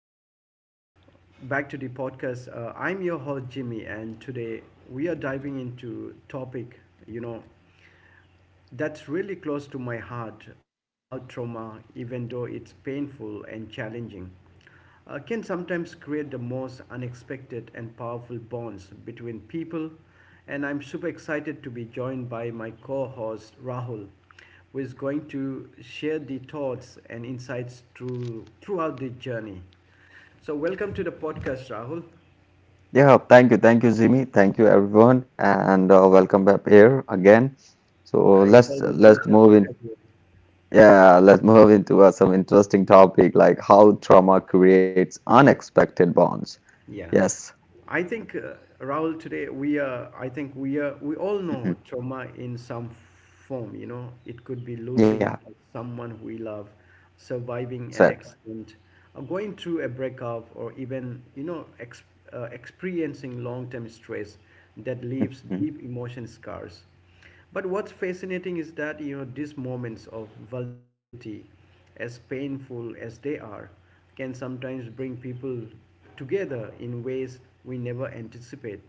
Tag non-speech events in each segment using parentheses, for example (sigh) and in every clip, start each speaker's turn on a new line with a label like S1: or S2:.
S1: back to the podcast. I'm your host Jimmy, and today we are diving into topic you know that's really close to my heart. How trauma, even though it's painful and challenging, can sometimes create the most unexpected and powerful bonds between people. And I'm super excited to be joined by my co host Rahul, who is going to share the thoughts and insights throughout the journey. So, welcome to the podcast, Rahul.
S2: Yeah, thank you, Jimmy. Thank you, everyone, and welcome back here again. So
S1: It's
S2: let's
S1: always a pleasure
S2: let's
S1: to
S2: move in.
S1: have you.
S2: Yeah, let's move into some interesting topic like how trauma creates unexpected bonds.
S1: Yeah,
S2: Yes.
S1: I think, Rahul, today we are. I think we are. we all know
S2: Mhm.
S1: trauma in some form. You know, it could be
S2: Yeah.
S1: losing someone we love, surviving an
S2: Exactly.
S1: accident, or going through a breakup, or even experiencing long-term stress that leaves
S2: hmm
S1: deep emotion scars. But what's fascinating is that, you know, these moments of vulnerability, as painful as they are, can sometimes bring people together in ways we never anticipate.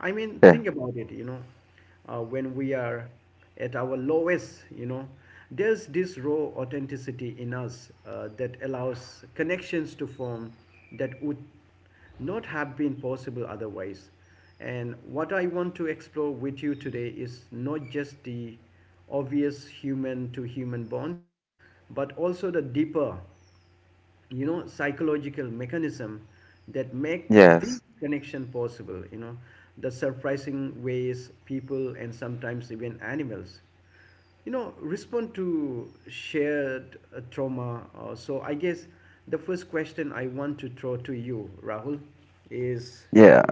S1: I mean, think
S2: Yeah.
S1: about it, when we are at our lowest, you know, there's this raw authenticity in us that allows connections to form that would not have been possible otherwise. And what I want to explore with you today is not just the obvious human to human bonds, but also the deeper, you know, psychological mechanism that make
S2: Yes.
S1: this connection possible, you know, the surprising ways people and sometimes even animals respond to shared trauma. Uh, so I guess the first question I want to throw to you, Rahul, is
S2: Yeah.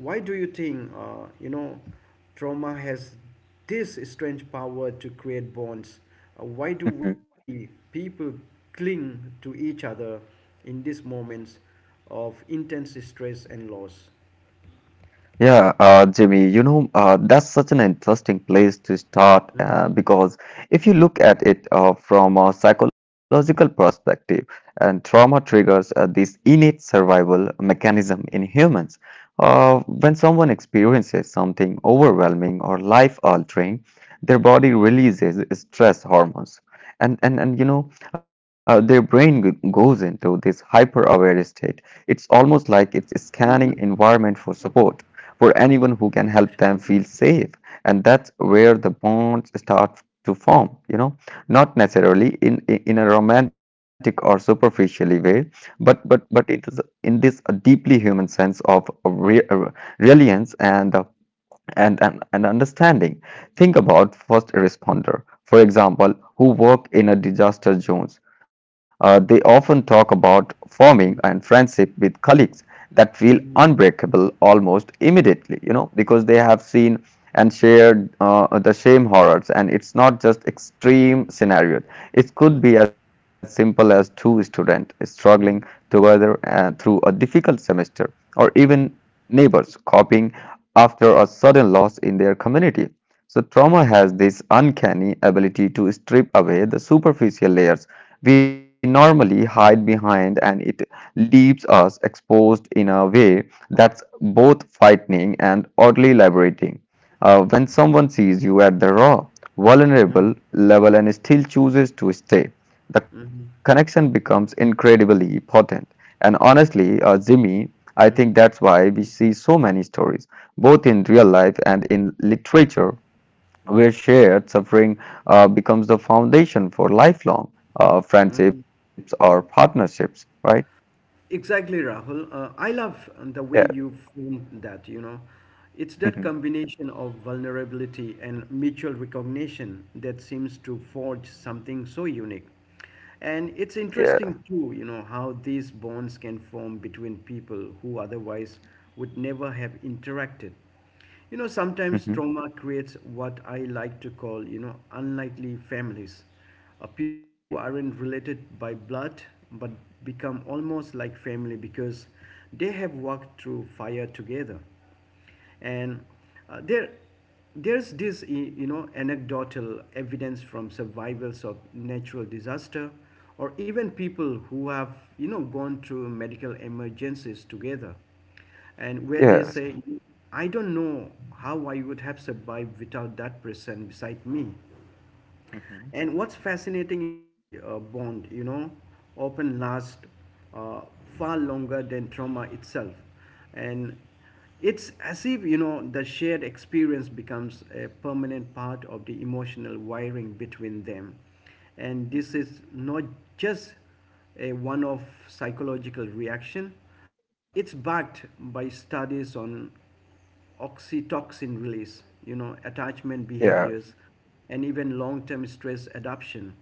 S1: why do you think, trauma has this strange power to create bonds? Uh, why do we
S2: (laughs)
S1: see people cling to each other in these moments of intense stress and loss?
S2: Yeah, Jimmy, you know, that's such an interesting place to start because if you look at it from a psychological perspective, and trauma triggers this innate survival mechanism in humans. When someone experiences something overwhelming or life-altering, their body releases stress hormones. And you know, their goes into this hyper-aware state. It's almost like it's scanning environment for support, for anyone who can help them feel safe. And that's where the bonds start to form, you know, not necessarily in, in a romantic or superficially way, but it is in this deeply human sense of reliance and, an and understanding. Think about first responder, for example, who work in a disaster zones. They often talk about forming and friendship with colleagues that feel unbreakable almost immediately, you know, because they have seen and shared the same horrors. And it's not just extreme scenarios. It could be as simple as two students struggling together through a difficult semester, or even neighbors copying after a sudden loss in their community. So, trauma has this uncanny ability to strip away the superficial layers we normally hide behind, and it leaves us exposed in a way that's both frightening and oddly liberating. When someone sees you at the raw, vulnerable level and still chooses to stay, the connection becomes incredibly potent. And honestly, Jimmy, I think that's why we see so many stories, both in real life and in literature, where shared suffering becomes the foundation for lifelong friendships or partnerships, right?
S1: Exactly, Rahul. I love the
S2: Yeah.
S1: way
S2: (laughs)
S1: you framed that, you know. It's that
S2: Mhm.
S1: combination of vulnerability and mutual recognition that seems to forge something so unique. And it's
S2: Yeah.
S1: interesting, too, you know, how these bonds can form between people who otherwise would never have interacted. You know, sometimes
S2: (laughs)
S1: trauma creates what I like to call, unlikely families. People who aren't related by blood but become almost like family because they have walked through fire together. And, uh, there, there's this, you know, anecdotal evidence from survivors of natural disaster or even people who have, you know, gone through medical emergencies together and where they
S2: Yes.
S1: say, I don't know how I would have survived without that person beside me.
S2: Mhm.
S1: And what's fascinating is that bond, you know, often last, uh, far longer than trauma itself. And it's as if, you know, the shared experience becomes a permanent part of the emotional wiring between them. And this is not just a one off psychological reaction. Uh, it's backed by studies on oxytocin release, you know, attachment
S2: Yeah.
S1: behaviors, and even long term stress adaptation.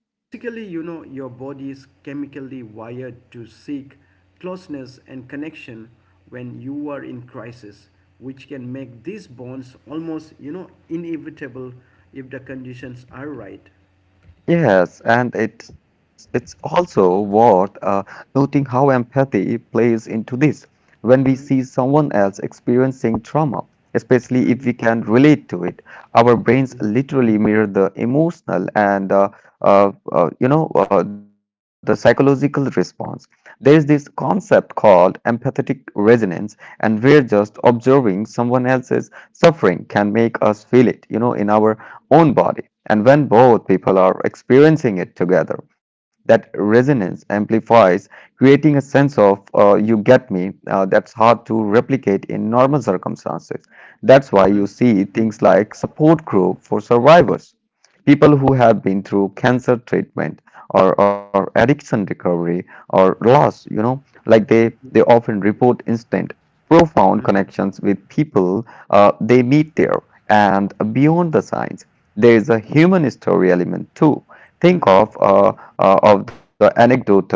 S1: Basically, you know, your body is chemically wired to seek closeness and connection when you are in crisis, which can make these bonds almost, inevitable if the conditions are right.
S2: Yes, and it's also worth noting how empathy plays into this. When we see
S1: Mhm,
S2: someone else experiencing trauma, especially if we
S1: mhm,
S2: can relate to it, our brains literally mirror the emotional and you know, the psychological response. There is this concept called empathetic resonance, and where just observing someone else's suffering can make us feel it, you know, in our own body. And when both people are experiencing it together, that resonance amplifies, creating a sense of you get me, that's hard to replicate in normal circumstances. That's why
S1: mhm,
S2: you see things like support group for survivors. People who have been through cancer treatment, or, addiction recovery or loss, you know, like they often report instant, profound connections with people they meet there. And beyond the science, there is a human story element too. Think
S1: mhm,
S2: of the anecdotal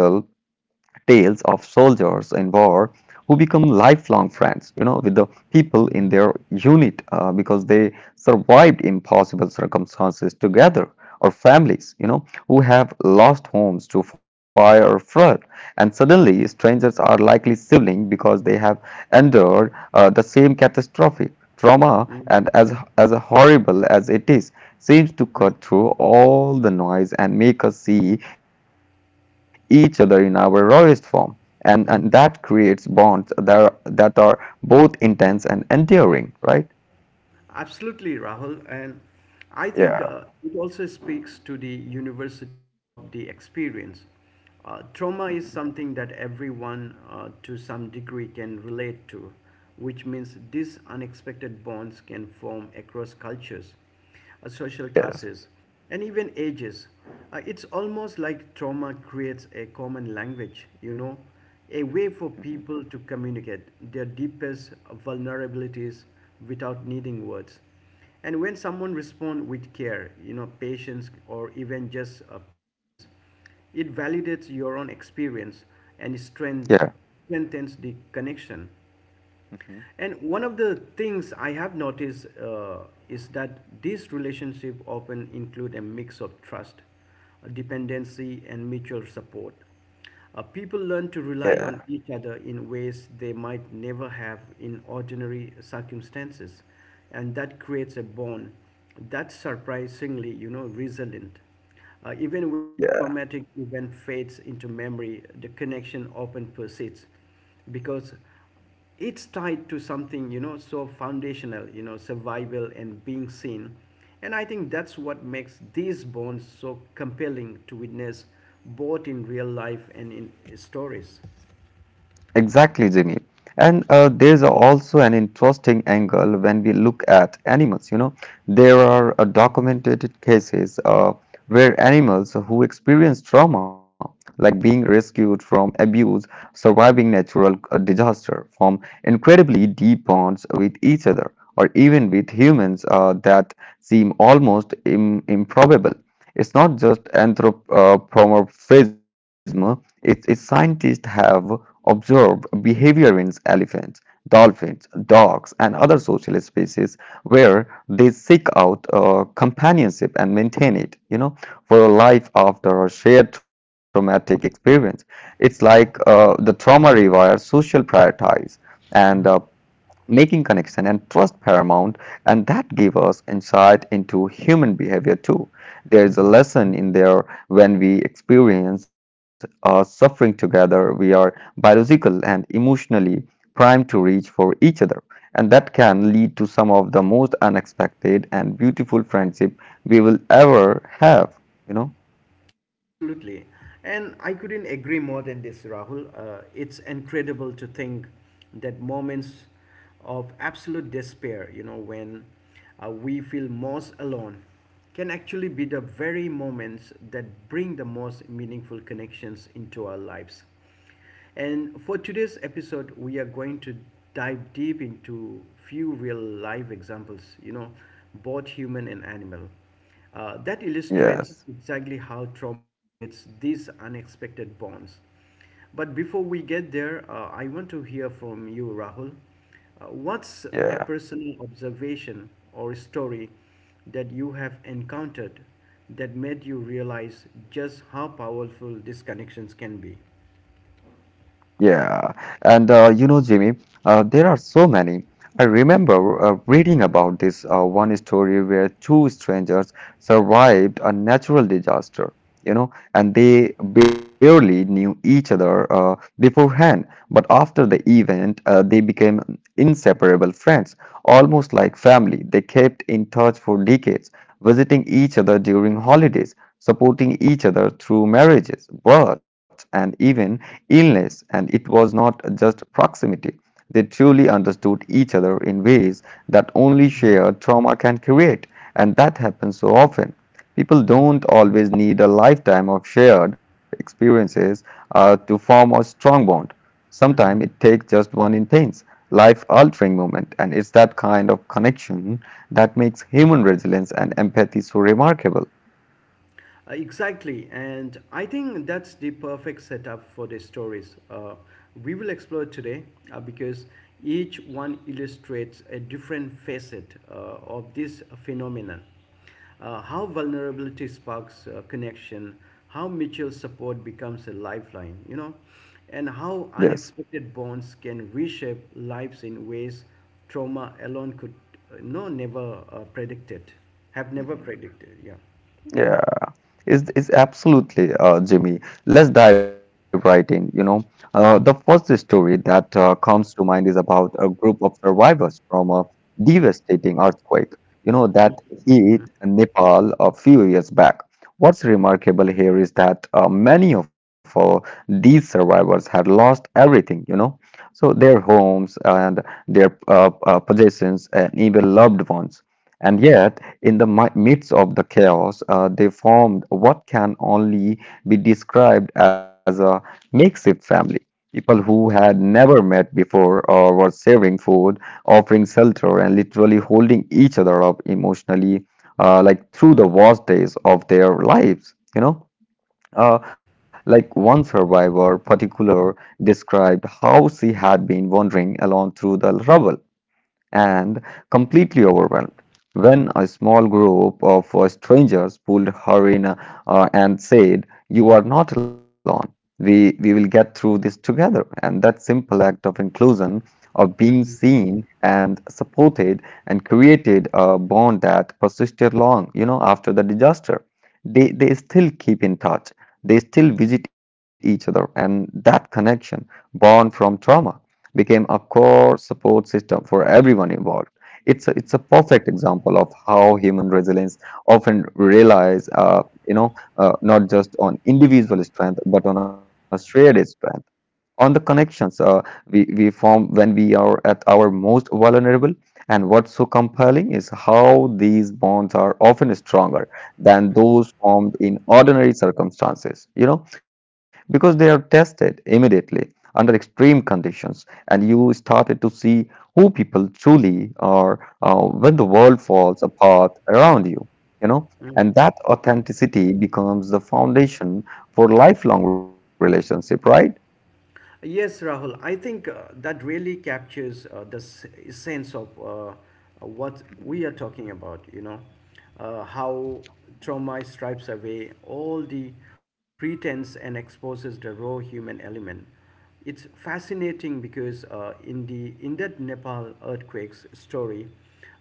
S2: tales of soldiers in war who become lifelong friends, you know, with the people in
S1: mhm.
S2: their unit because they survived impossible circumstances together, or families, you know, who have lost homes to fire or flood. And suddenly, strangers are likely siblings because they have endured the same catastrophe. Trauma, as horrible as it is, seems to cut through all the noise and make us see each other in our rawest form, and that creates bonds that are both intense and enduring, right?
S1: Absolutely, Rahul. And I
S2: Yeah.
S1: think, it also speaks to the university of the experience.
S2: hmm
S1: Trauma is something that everyone, to some degree can relate to, which means these unexpected bonds can form across cultures, social
S2: Yes.
S1: classes, and even ages. It's almost like trauma creates a common language, you know, a way for
S2: hmm
S1: people to communicate their deepest vulnerabilities without needing words. And when someone responds with care, you know, patience, or even just presence, it validates your own experience and
S2: Yeah.
S1: strengthens the connection.
S2: hmm
S1: And one of the things I have noticed, is that these relationships often include a mix of trust, dependency, and mutual support. People learn to
S2: Yeah.
S1: rely on each other in ways they might never have in ordinary circumstances, and that creates a bond that's surprisingly, resilient. Even when the traumatic event fades into memory, the connection often persists because it's tied to something, you know, so foundational, you know, survival and being seen. And I think that's what makes these bonds so compelling to witness, both in real life and in stories.
S2: Exactly, Jimmy. And there's also an interesting angle when we look at animals. You know, there are documented cases where animals who experience trauma, like being rescued from abuse, surviving natural disaster, form incredibly deep bonds with each other, or even with humans that seem almost im improbable. It's not just anthropomorphism, it's scientists have observed behavior in elephants, dolphins, dogs, and other social species where they seek out companionship and maintain it, you know, for a life after a shared traumatic experience. It's like the trauma rewires social priorities, and making connection and trust paramount. And that gave us insight into human behavior too. There is a lesson in there: when we experience suffering together, we are biological and emotionally primed to reach for each other, and that can lead to some of the most unexpected and beautiful friendship we will ever have, you know.
S1: Absolutely. And I couldn't agree more than this, Rahul. It's incredible to think that moments of absolute despair, you know, when, we feel most alone, can actually be the very moments that bring the most meaningful connections into our lives. And for today's episode, we are going to dive deep into few real life examples, you know, both human and animal, that illustrates
S2: Yes.
S1: exactly how trauma creates these unexpected bonds. But before we get there, I want to hear from you, Rahul. What's a
S2: Yeah.
S1: personal observation or story that you have encountered that made you realize just how powerful these connections can be?
S2: Yeah, and you know, Jimmy, there are so many. I remember reading about this one story where two strangers survived a natural disaster, you know,
S1: Mm-hmm.
S2: and they barely knew each other beforehand. But after the event, they became inseparable friends, almost like family. They kept in touch for decades, visiting each other during holidays, supporting each other through marriages, births, and even illness. And it was not just proximity, they truly understood each other in ways that only shared trauma can create. And that happens so often. People don't always need a lifetime of shared experiences to form a strong bond. Sometimes it
S1: Hmm.
S2: takes just one intense, life altering moment, and it's that kind of connection that makes human resilience and empathy so remarkable.
S1: Exactly, and I think that's the perfect setup for the stories we will explore today, because each one illustrates a different facet of this phenomenon. How vulnerability sparks connection, how mutual support becomes a lifeline, you know, and how
S2: Yes.
S1: unexpected bonds can reshape lives in ways trauma alone could, no never predicted, have never
S2: Mhm.
S1: predicted. Yeah.
S2: Yeah, is absolutely, Jimmy. Let's dive right in. You know, the first story that comes to mind is about a group of survivors from a devastating earthquake. You know, that hit Nepal a few years back. What's remarkable here is that many of these survivors had lost everything. You know, so their homes and their possessions and even loved ones. And yet, in the midst of the chaos, they formed what can only be described as a makeshift family. People who had never met before or were sharing food, offering shelter, and literally holding each other up emotionally, like through the worst days of their lives. You know,
S1: Mm-hmm.
S2: uh, like one survivor, particular, described how she had been wandering alone through the rubble and completely overwhelmed when a small group of strangers pulled her in and said, "You are not alone. We will get through this together." And that simple act of inclusion, of being
S1: Mhm.
S2: seen and supported, and created a bond that persisted long, you know, after the disaster. They still keep in touch. They still visit each other, and that connection, born from trauma, became a core support system for everyone involved. It's a perfect example of how human resilience often relies, you know, not just on individual strength, but on a shared strength, on the connections we form when we are at our most vulnerable. And what's so compelling is how these bonds are often stronger than those formed in ordinary circumstances, you know, because they are tested immediately under extreme conditions, and you started to see who people truly are when the world falls apart around you, you know, and that authenticity becomes the foundation for lifelong relationship, right?
S1: Yes, Rahul, I think that really captures the sense of what we are talking about, you know, how trauma stripes away all the pretense and exposes the raw human element. It's fascinating because, in that Nepal earthquakes story,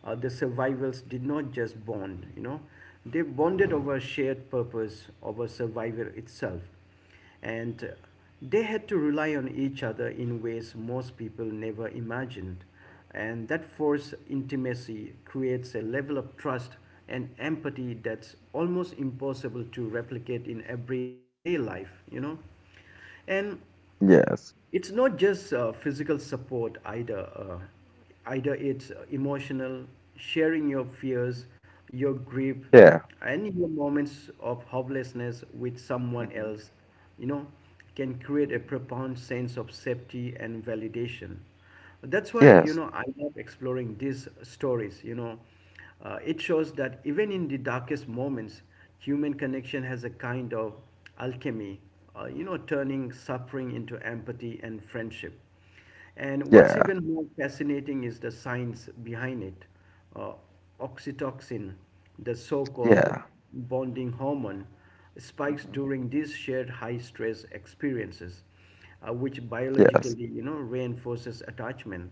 S1: the survivors did not just bond, you know, they bonded over shared purpose, over survival itself. And They had to rely on each other in ways most people never imagined. And that forced intimacy creates a level of trust and empathy that's almost impossible to replicate in everyday life, you know. And
S2: Yes.
S1: it's not just physical support either. It's emotional, sharing your fears, your grief,
S2: Yeah.
S1: and your moments of hopelessness with someone else, you know, can create a profound sense of safety and validation. That's why,
S2: Yes.
S1: you know, I love exploring these stories, it shows that even in the darkest moments, human connection has a kind of alchemy, you know, turning suffering into empathy and friendship. And
S2: Yeah.
S1: what's even more fascinating is the science behind it. Uh, Oxytocin, the so called
S2: Yeah.
S1: bonding hormone, spikes
S2: hmm
S1: during these shared high stress experiences, which
S2: Yes.
S1: biologically, you know, reinforces attachment.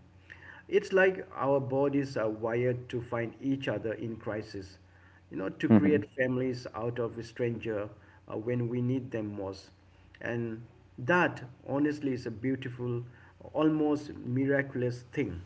S1: It's like our bodies are wired to find each other in crisis, you know, to
S2: hmm
S1: create families out of a stranger when we need them most. And that, honestly, is a beautiful, almost miraculous thing.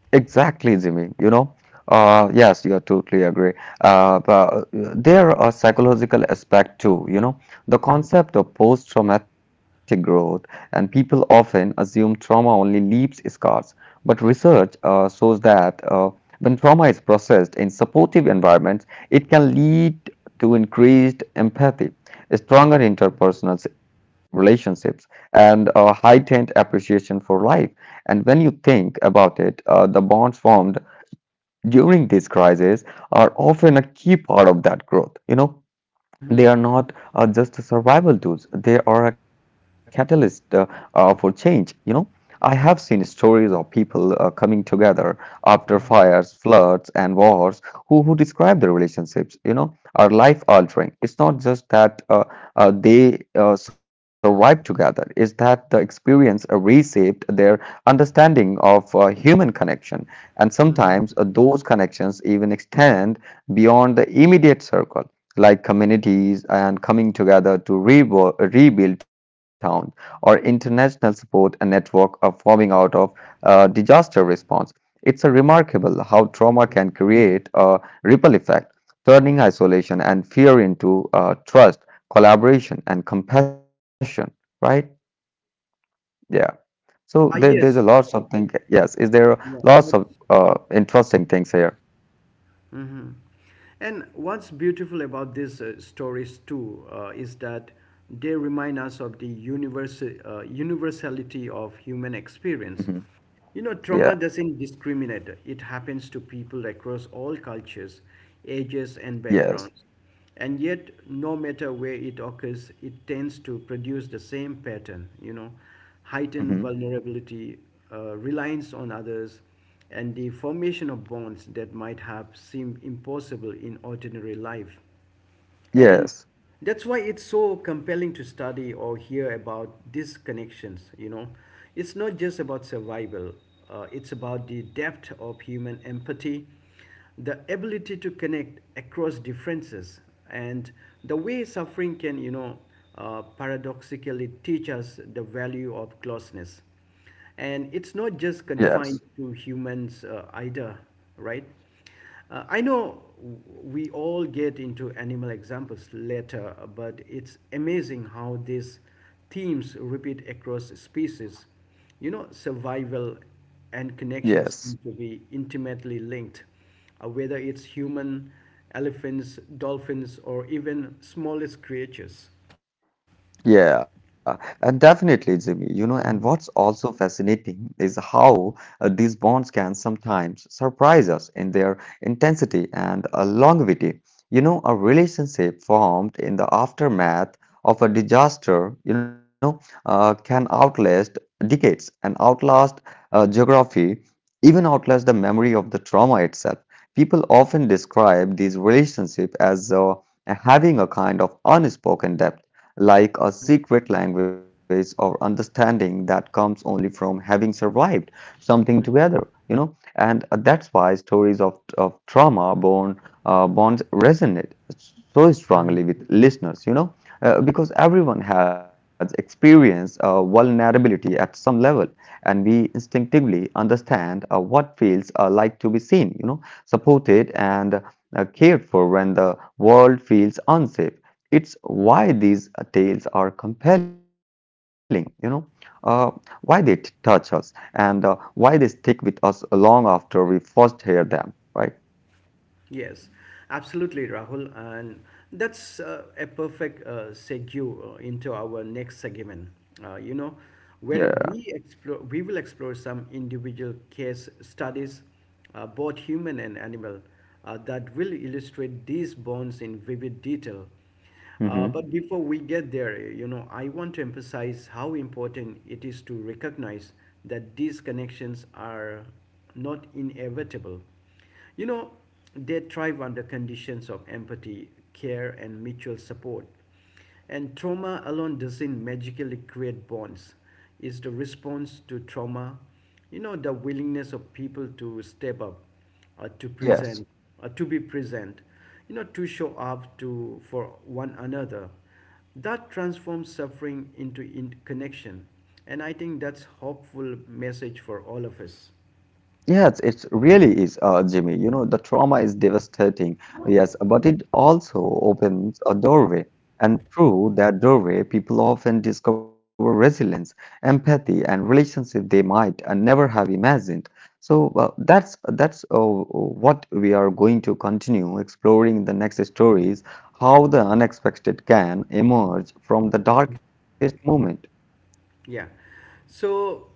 S2: Exactly, Jimmy. You know, yes, you are totally agree. But there are psychological aspect too. You know, the concept of post-traumatic growth, and people often assume trauma only leaves scars. But research shows that when trauma is processed in supportive environments, it can lead to increased empathy, stronger interpersonal relationships, and a heightened appreciation for life. And when you think about it, the bonds formed during these crises are often a key part of that growth. You know,
S1: Mm-hmm.
S2: they are not just survival tools, they are a catalyst for change, you know. I have seen
S1: Mm-hmm.
S2: stories of people coming together after fires, floods, and wars, who describe their relationships, you know, are life altering. It's not just that they survived together, it's that the experience reshaped their understanding of human connection. And sometimes those connections even extend beyond the immediate circle, like communities and coming together to rebuild, rebuild town, or international support and network are forming out of disaster response. It's a remarkable how trauma can create a ripple effect, turning isolation and fear into trust, collaboration, and compassion. Right? Yeah. So there,
S1: Ah,
S2: there's a
S1: yes.
S2: lots of things. Yes. Is there
S1: Yeah,
S2: lots of
S1: that's-
S2: interesting things here?
S1: Mhm. And what's beautiful about these stories too, is that they remind us of the universality of human
S2: hmm
S1: experience. You know,
S2: Yeah.
S1: trauma doesn't discriminate. It happens to people across all cultures, ages, and
S2: Yes.
S1: backgrounds. And yet, no matter where it occurs, it tends to produce the same pattern, you know,
S2: hmm
S1: heightened vulnerability, reliance on others, and the formation of bonds that might have seemed impossible in ordinary life. And
S2: Yes.
S1: that's why it's so compelling to study or hear about these connections, you know, it's not just about survival. Uh, it's about the depth of human empathy, the ability to connect across differences, and the way suffering can, you know, paradoxically teach us the value of closeness. And it's not just
S2: Yes.
S1: confined to humans, either, right? I know we all get into animal examples later, but it's amazing how these themes repeat across species. You know, survival and connection
S2: Yes.
S1: seem to be intimately linked, whether it's human, elephants, dolphins, or even smallest creatures.
S2: Yeah, and definitely, Jimmy. You know, and what's also fascinating is how these bonds can sometimes surprise us in their intensity and longevity. You know, a relationship formed in the aftermath of a disaster, you know, can outlast decades and outlast geography, even outlast the memory of the trauma itself. People often describe these relationships as having a kind of unspoken depth, like a
S1: Mhm,
S2: secret language or understanding that comes only from having survived something together, you know and that's why stories of trauma born bonds resonate so
S1: mhm.
S2: strongly with listeners. Because everyone has experienced vulnerability at some level, and we instinctively understand what feels like to be seen, supported and cared for when the world feels unsafe. It's why these tales are compelling, uh, why they touch us and why they stick with us long after we first hear them, right?
S1: Yes, absolutely, Rahul. And that's a perfect segue into our next segment, uh, you know,
S2: Yeah.
S1: where we will explore some individual case studies, both human and animal, that will illustrate these bonds in vivid detail.
S2: Hmm.
S1: But before we get there, you know, I want to emphasize how important it is to recognize that these connections are not inevitable. You know, they thrive under conditions of empathy, care, and mutual support. And trauma alone doesn't magically create bonds. It's the response to trauma, you know, the willingness of people to step up, uh, to
S2: Yes.
S1: present, to be present, you know, to show up to for one another. That transforms suffering into connection, and I think that's hopeful message for all of us.
S2: Yes, it really is, Jimmy. You know, the trauma is devastating, yes, but it also opens a doorway. And through that doorway, people often discover resilience, empathy, and relationship they might never have imagined. So that's what we are going to continue exploring in the next stories, how the unexpected can emerge from the darkest moment.
S1: Yeah. So,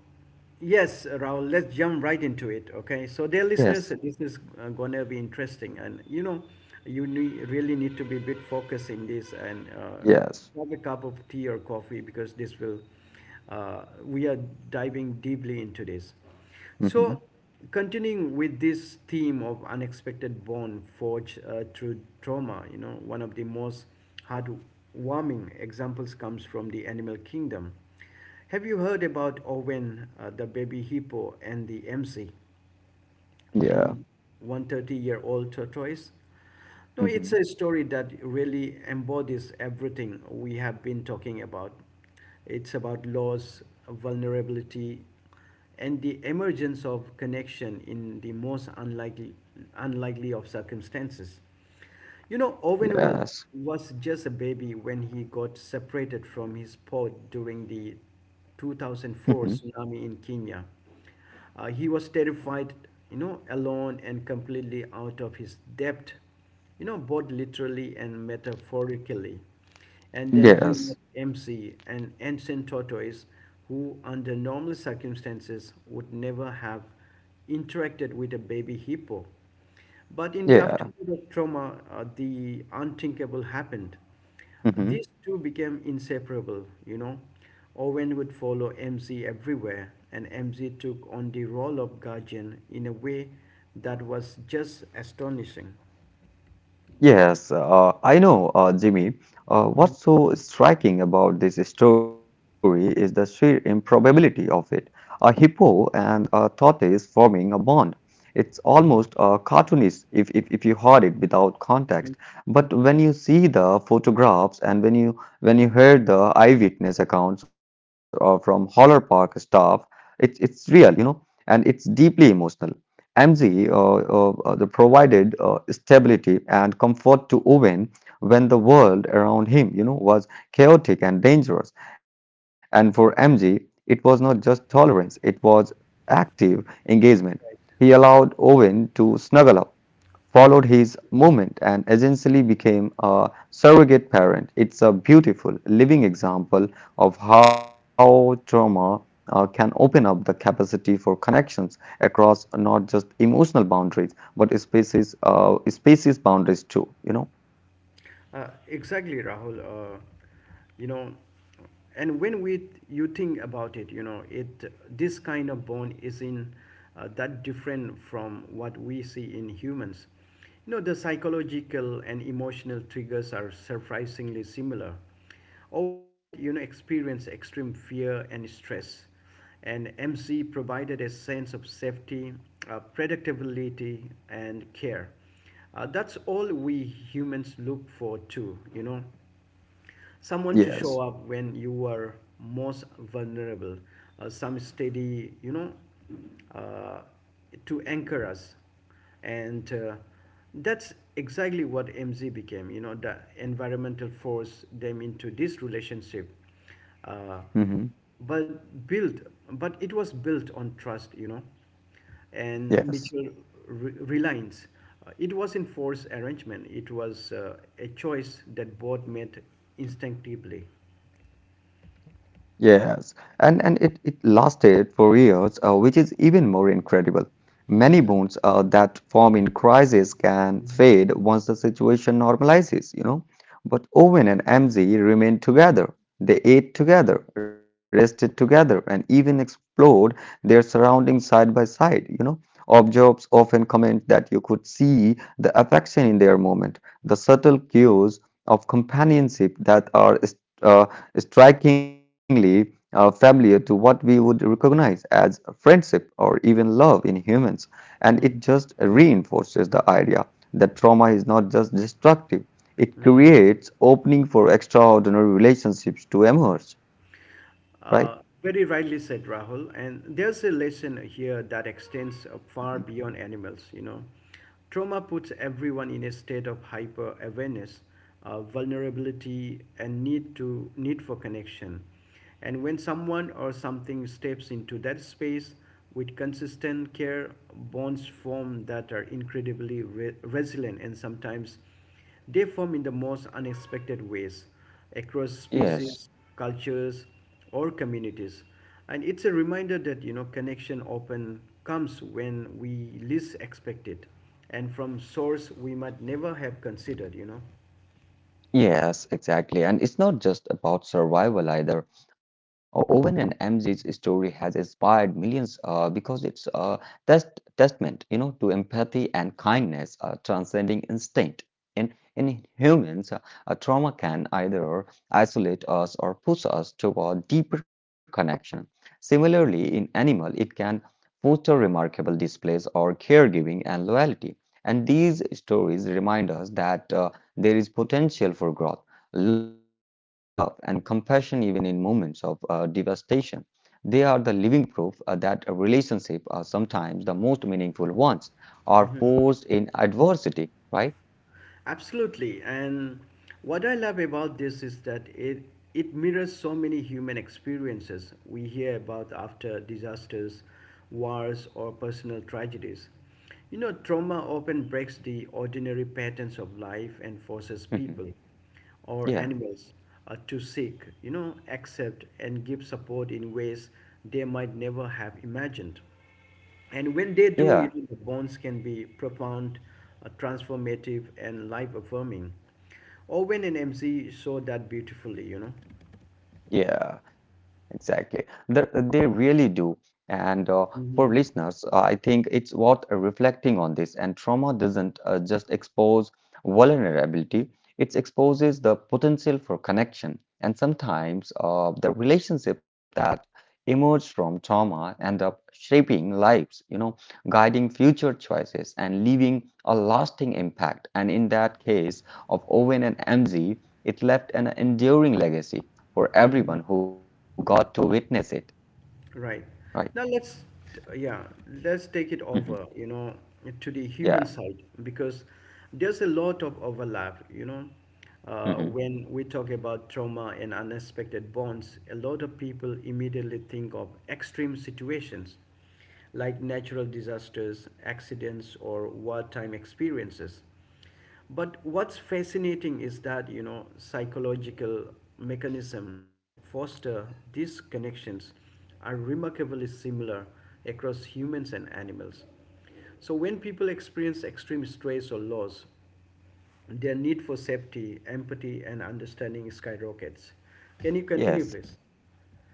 S1: yes, Rahul, let's jump right into it. Okay. So, dear listeners,
S2: Yes,
S1: this is, going to be interesting. And, you know, you really need to be a bit focused in this and
S2: yes,
S1: have a cup of tea or coffee because we are diving deeply into this. So,
S2: hmm,
S1: continuing with this theme of unexpected bond forged through trauma, you know, one of the most heartwarming examples comes from the animal kingdom. Have you heard about Owen, the baby hippo, and the MC, the
S2: yeah,
S1: 130-year-old year old tortoise? No, it's
S2: hmm,
S1: a story that really embodies everything we have been talking about. It's about loss, vulnerability, and the emergence of connection in the most unlikely, unlikely of circumstances. You know,
S2: yes.
S1: was just a baby when he got separated from his pod during the
S2: (laughs)
S1: 2004 tsunami in Kenya. He was terrified, you know, alone and completely out of his depth, you know, both literally and metaphorically. And then he met
S2: Yes,
S1: MC, an ancient tortoise who, under normal circumstances, would never have interacted with a baby hippo. But in the
S2: yeah,
S1: aftermath of trauma, the unthinkable happened.
S2: hmm.
S1: These two became inseparable, you know. Owen would follow MZ everywhere, and MZ took on the role of guardian in a way that was just astonishing.
S2: Yes, I know, Jimmy. What's so striking about this story is the sheer improbability of it. A hippo and a tortoise forming a bond. It's almost cartoonish if you heard it without context. But when you see the photographs and when you hear the eyewitness accounts from Holler Park staff, it's real, you know, and it's deeply emotional. MZ uh, uh, uh, the provided stability and comfort to Owen when the world around him, you know, was chaotic and dangerous. And for MG, it was not just tolerance, it was active engagement. He allowed Owen to snuggle up, followed his movement, and essentially became a surrogate parent. It's a beautiful living example of how trauma can open up the capacity for connections across not just emotional boundaries but spaces boundaries too, you know.
S1: Exactly, Rahul. Uh, you know, and when we you think about it, you know, it this kind of bond isn't that different from what we see in humans. You know, the psychological and emotional triggers are surprisingly similar. Owen had, you know, experienced extreme fear and stress, and MC provided a sense of safety, predictability, and care. That's all we humans look for, too, you know. Someone to show
S2: Yes.
S1: up when you are most vulnerable, some steady, you know, uh, to anchor us. And that's exactly what MZ became, you know, the environmental force them into this relationship.
S2: Hmm.
S1: Uh, but built, but it was built on trust, you know, and
S2: Yes.
S1: mutual reliance. It wasn't forced arrangement, it was a choice that both made instinctively.
S2: Yes, and it lasted for years, which is even more incredible. Many
S1: Mm-hmm.
S2: bonds that form in crisis can fade once the situation normalizes, you know. But Owen and MZ remained together. They ate together, rested together, and even explored their surroundings side by side, you know. Observers often comment that you could see the affection in their movement, the subtle cues of companionship that are uh, strikingly familiar to what we would recognize as friendship or even love in humans. And it just reinforces the idea that trauma is not just destructive, it creates opening for extraordinary relationships to emerge, right?
S1: Very rightly said, Rahul. And there's a lesson here that extends
S2: Mhm.
S1: far beyond animals, you know. Trauma puts everyone in a state of hyper awareness, vulnerability, and need for connection. And when someone or something steps into that space with consistent care, bonds form that are incredibly resilient, and sometimes they form in the most unexpected ways across species,
S2: Yes.
S1: cultures, or communities. And it's a reminder that, you know, connection often comes when we least expect it and from source we might never have considered, you know.
S2: Yes, exactly. And it's not just about survival either. Owen and MZ's story has inspired millions because it's a testament, you know, to empathy and kindness, transcending instinct. In humans, a trauma can either isolate us or push us toward deeper connection. Similarly, in animal, it can foster remarkable displays or caregiving and loyalty. And these stories remind us that. There is potential for growth, love, and compassion even in moments of devastation. They are the living proof that a relationship are sometimes the most meaningful ones are forged in adversity, right?
S1: Absolutely. And what I love about this is that it mirrors so many human experiences we hear about after disasters, wars, or personal tragedies. You know, trauma often breaks the ordinary patterns of life and forces
S2: Mhm.
S1: people or
S2: Yeah,
S1: animals to seek, you know, accept and give support in ways they might never have imagined. And when
S2: yeah.
S1: they do, you know, the bonds can be profound, transformative, and life affirming. Owen and MC saw that beautifully, you know.
S2: Yeah, exactly. They really do. And for
S1: Hmm
S2: listeners, I think it's worth reflecting on this. And trauma doesn't just expose vulnerability, it exposes the potential for connection. And sometimes the relationship that emerge from trauma end up shaping lives, you know, guiding future choices and leaving a lasting impact. And in that case of Owen and MZ, it left an enduring legacy for
S1: hmm
S2: everyone who got to witness it, right?
S1: Right. Now let's, yeah, let's take it
S2: Hmm.
S1: over, you know, to the human
S2: Yeah.
S1: side because there's a lot of overlap, you know. Uh,
S2: Hmm.
S1: when we talk about trauma and unexpected bonds, a lot of people immediately think of extreme situations, like natural disasters, accidents, or wartime experiences. But what's fascinating is that, you know, psychological mechanism that foster these connections are remarkably similar across humans and animals. So when people experience extreme stress or loss, their need for safety, empathy, and understanding skyrockets. Can you continue,
S2: Yes.
S1: please?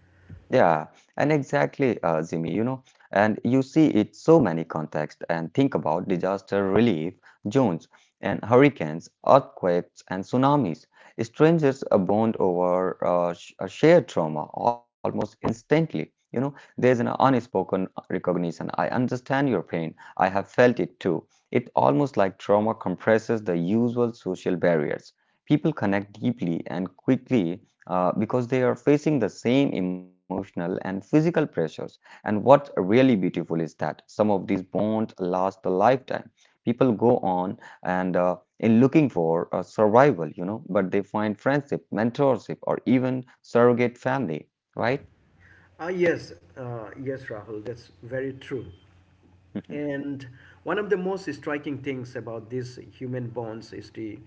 S2: Yeah, and exactly, Zimi, you know, and you see it so many contexts and think about disaster relief, zones and hurricanes, earthquakes and tsunamis. Strangers bond over a shared trauma almost instantly. You know, there's an unspoken recognition. I understand your pain. I have felt it too. It almost like trauma compresses the usual social barriers. People connect deeply and quickly because they are facing the same emotional and physical pressures. And what's really beautiful is that some of these bonds last a lifetime. People go on and in looking for a survival, you know, but they find friendship, mentorship, or even surrogate family, right?
S1: Ah, yes, Rahul, that's very true.
S2: (laughs)
S1: And one of the most striking things about these human bonds is the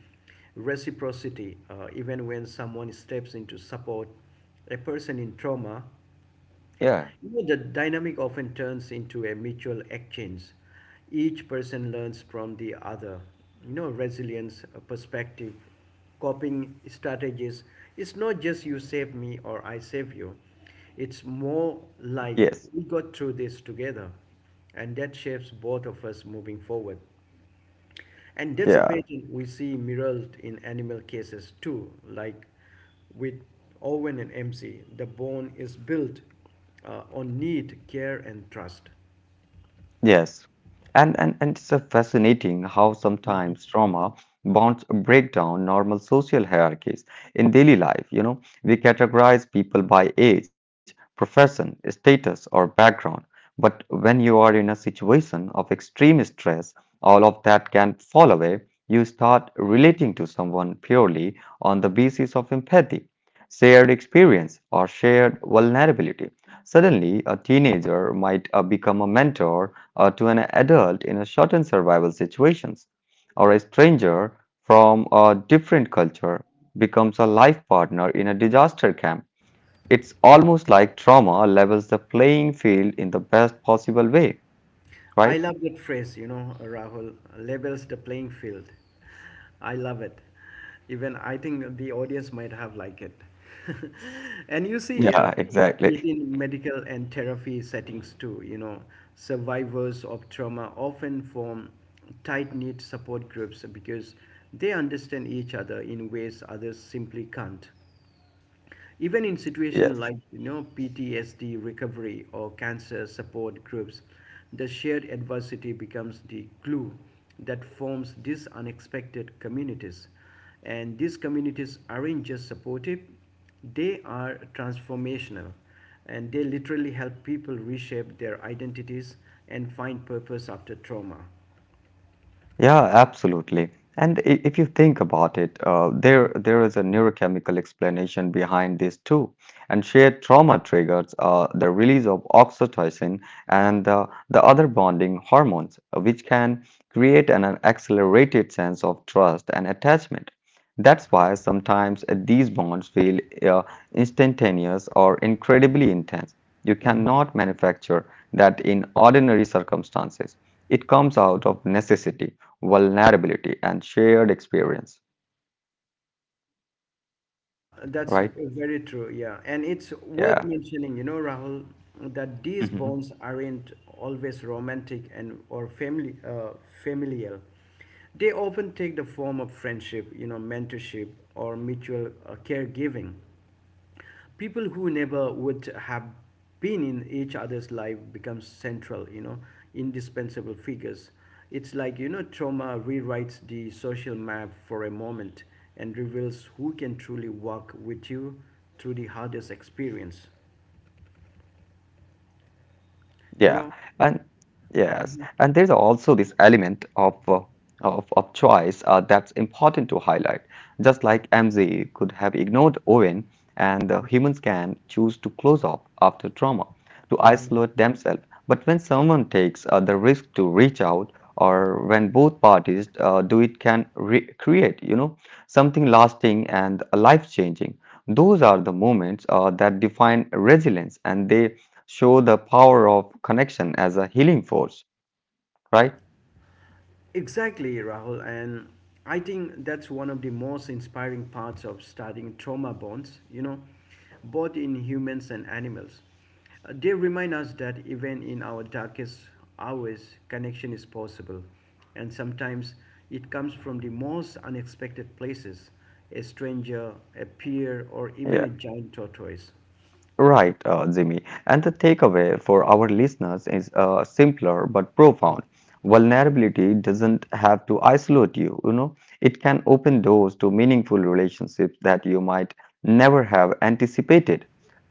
S1: reciprocity. Even when someone steps in to support a person in trauma,
S2: Yeah,
S1: you know, the dynamic often turns into a mutual exchange. Each person learns from the other. You know, resilience, perspective, coping strategies. It's not just you save me or I save you. It's more
S2: yes,
S1: like we got through this together, and that shapes both of us moving forward. And
S2: yeah.
S1: dissipating, we see mirrored in animal cases too, like with Owen and MC. The bone is built on need, care, and trust.
S2: Yes. And it's fascinating how sometimes trauma bonds break down normal social hierarchies in daily life. You know, we categorize people by age, profession, status, or background. But when you are in a situation of extreme stress, all of that can fall away. You start relating to someone purely on the basis of empathy, shared experience, or shared vulnerability. Suddenly, a teenager might become a mentor to an adult in a shortened survival situations, or a stranger from a different culture becomes a life partner in a disaster camp. It's almost like trauma levels the playing field in the best possible way,
S1: I
S2: right?
S1: love that phrase, you know, Rahul, labels the playing field. I love it. Even I think the audience might have liked it. (laughs) And you see
S2: Yeah, (laughs)
S1: it
S2: exactly.
S1: in medical and therapy settings too, you know, survivors of trauma often form tight-knit support groups because they understand each other in ways others simply can't. Even in situations like,
S2: Yes.
S1: you know, PTSD recovery or cancer support groups, the shared adversity becomes the glue that forms these unexpected communities. And these communities aren't just supportive, they are transformational, and they literally help people reshape their identities and find purpose after trauma.
S2: Yeah, absolutely. And if you think about it, there is a neurochemical explanation behind this too. And shared trauma triggers the release of oxytocin and the other bonding hormones, which can create an accelerated sense of trust and attachment. That's why sometimes these bonds feel instantaneous or incredibly intense. You cannot manufacture that in ordinary circumstances. It comes out of necessity, vulnerability, and shared experience,
S1: Yeah, that's
S2: right?
S1: very true. Yeah, and it's worth
S2: Yeah.
S1: mentioning, you know, Rahul, that these
S2: Hmm.
S1: bonds aren't always romantic and or family familial. They often take the form of friendship, you know, mentorship or mutual caregiving, people who never would have been in each other's life become central, you know, indispensable figures. It's like, you know, trauma rewrites the social map for a moment and reveals who can truly walk with you through the hardest experience,
S2: Yeah. And
S1: you
S2: yes,
S1: know.
S2: and there's also this element of of choice that's important to highlight. Just like MZ could have ignored Owen, and humans can choose to close off after trauma, to isolate themselves. But when someone takes the risk to reach out, or when both parties do it, can re create, you know, something lasting and life-changing. Those are the moments that define resilience, and they show the power of connection as a healing force, right?
S1: Exactly, Rahul. And I think that's one of the most inspiring parts of studying trauma bonds, you know, both in humans and animals. They remind us that even in our darkest hours, connection is possible. And sometimes it comes from the most unexpected places, a stranger, a peer, or even
S2: Yeah,
S1: a giant tortoise.
S2: right, Jimmy. And the takeaway for our listeners is simpler but profound. Vulnerability doesn't have to isolate you, you know, it can open doors to meaningful relationships that you might never have anticipated.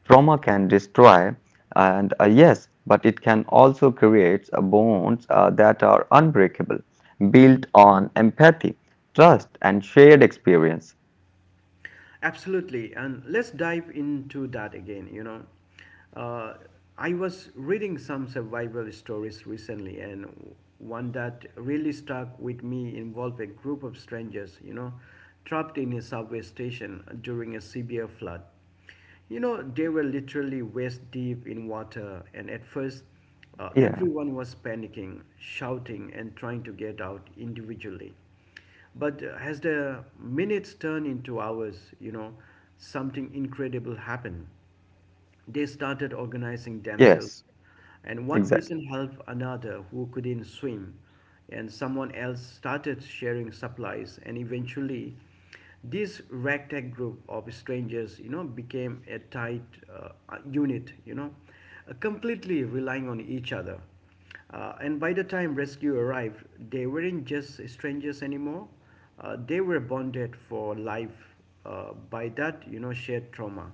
S2: Trauma can destroy, and yes, but it can also create bonds that are unbreakable, built on empathy, trust, and shared experience.
S1: Absolutely, and let's dive into that again. You know, uh, I was reading some survival stories recently, and one that really stuck with me involved a group of strangers, you know, trapped in a subway station during a severe flood. You know, they were literally waist deep in water, and at first,
S2: Yeah.
S1: everyone was panicking, shouting, and trying to get out individually. But as the minutes turned into hours, you know, something incredible happened. They started organizing themselves,
S2: Yes.
S1: and one
S2: Exactly.
S1: person helped another who couldn't swim, and someone else started sharing supplies, and eventually, this ragtag group of strangers, you know, became a tight unit, you know, completely relying on each other. And by the time rescue arrived, they weren't just strangers anymore. They were bonded for life by that, you know, shared trauma.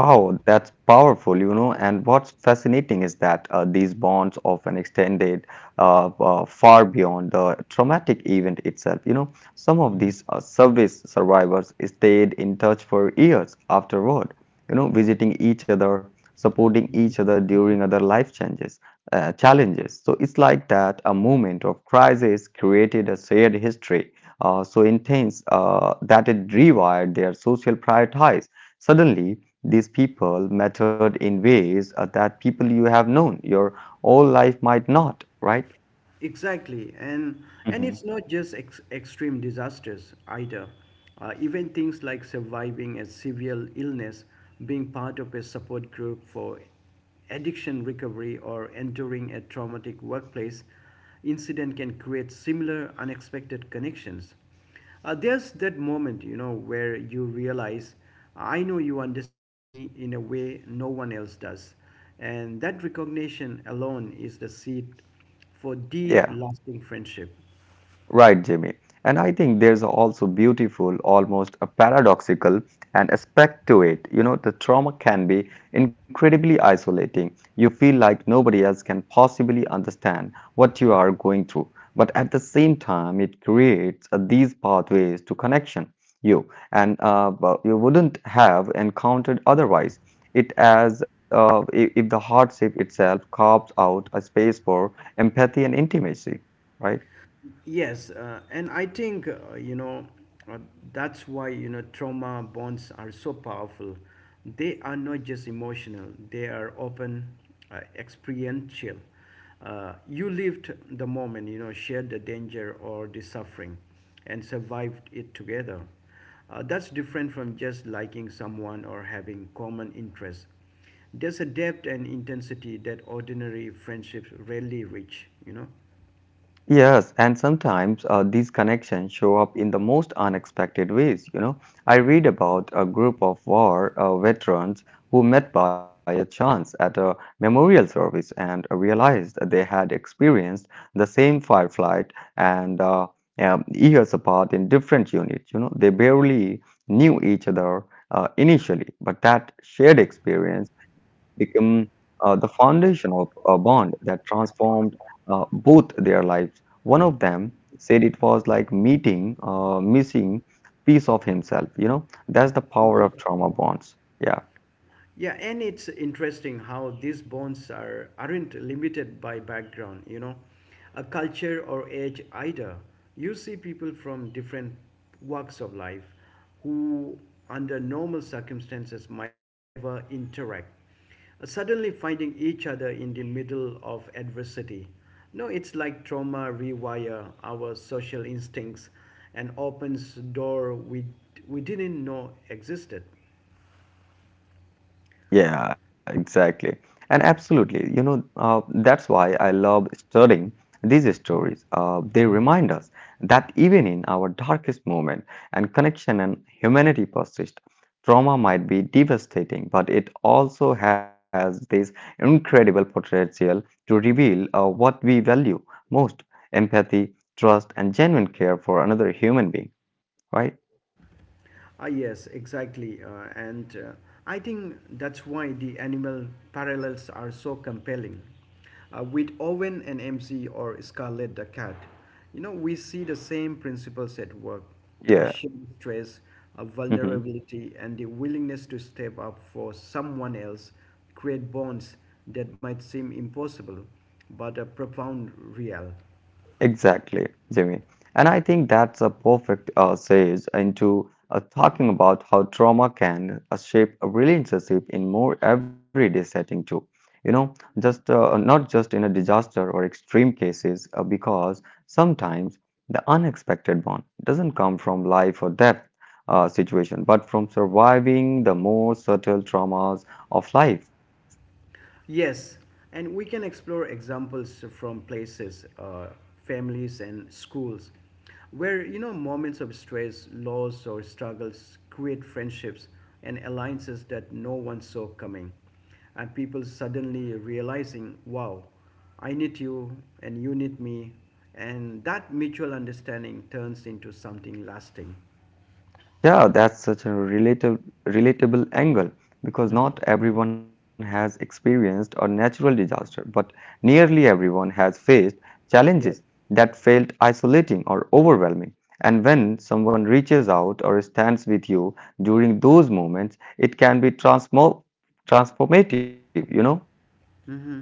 S2: Wow, that's powerful, you know. And what's fascinating is that these bonds often extended far beyond the traumatic event itself. You know, some of these service survivors stayed in touch for years afterward, you know, visiting each other, supporting each other during other life changes, challenges. So it's like that a moment of crisis created a shared history so intense that it rewired their social priorities. Suddenly, these people mattered in ways that people you have known your whole life might not, right?
S1: Exactly, and
S2: Hmm.
S1: it's not just extreme disasters either. Even things like surviving a severe illness, being part of a support group for addiction recovery, or enduring a traumatic workplace incident can create similar unexpected connections. There's that moment, you know, where you realize, I know you understand me in a way no one else does. And that recognition alone is the seed for deep,
S2: Yeah.
S1: lasting friendship.
S2: Right, Jimmy. And I think there's also beautiful, almost a paradoxical an aspect to it. You know, the trauma can be incredibly isolating. You feel like nobody else can possibly understand what you are going through. But at the same time, it creates these pathways to connection you and but you wouldn't have encountered otherwise. It as if the hardship itself carves out a space for empathy and intimacy, right?
S1: Yes, and I think uh, that's why, you know, trauma bonds are so powerful. They are not just emotional; they are often experiential. You lived the moment, you know, shared the danger or the suffering, and survived it together. That's different from just liking someone or having common interests. There's a depth and intensity that ordinary friendships rarely reach, you know.
S2: Yes, and sometimes these connections show up in the most unexpected ways. You know, I read about a group of war veterans who met by a chance at a memorial service and realized that they had experienced the same firefight and years apart in different units. You know, they barely knew each other initially, but that shared experience became the foundation of a bond that transformed both their lives. One of them said it was like meeting a missing piece of himself. You know, that's the power of trauma bonds. Yeah.
S1: Yeah, and it's interesting how these bonds are aren't limited by background, you know, a culture or age either. You see people from different walks of life who under normal circumstances might never interact, suddenly finding each other in the middle of adversity. No, it's like trauma rewire our social instincts and opens door we didn't know existed.
S2: Yeah, exactly. And absolutely, you know, that's why I love studying these stories. They remind us that even in our darkest moment, and connection and humanity persist. Trauma might be devastating, but it also has this incredible potential to reveal what we value most: empathy, trust, and genuine care for another human being, right?
S1: Ah, yes, exactly. And I think that's why the animal parallels are so compelling. With Owen and MC or Scarlet the cat, you know, we see the same principles at work, a
S2: Yeah.
S1: shared stress, a
S2: (laughs)
S1: vulnerability, and the willingness to step up for someone else create bonds that might seem impossible but are profound real.
S2: Exactly, Jimmy. And I think that's a perfect segue into talking about how trauma can shape a relationship in more everyday setting too. You know, just not just in a disaster or extreme cases, because sometimes the unexpected one doesn't come from life or death situation, but from surviving the more subtle traumas of life.
S1: Yes, and we can explore examples from places, families, and schools where, you know, moments of stress, loss, or struggles create friendships and alliances that no one saw coming. And people suddenly realizing, wow, I need you and you need me. And that mutual understanding turns into something lasting.
S2: Yeah, that's such a relatable angle because not
S1: Hmm
S2: everyone has experienced a natural disaster, but nearly everyone has faced challenges
S1: Yeah.
S2: that felt isolating or overwhelming. And when someone reaches out or stands with you during those moments, it can be transmo transformative, you know?
S1: hmm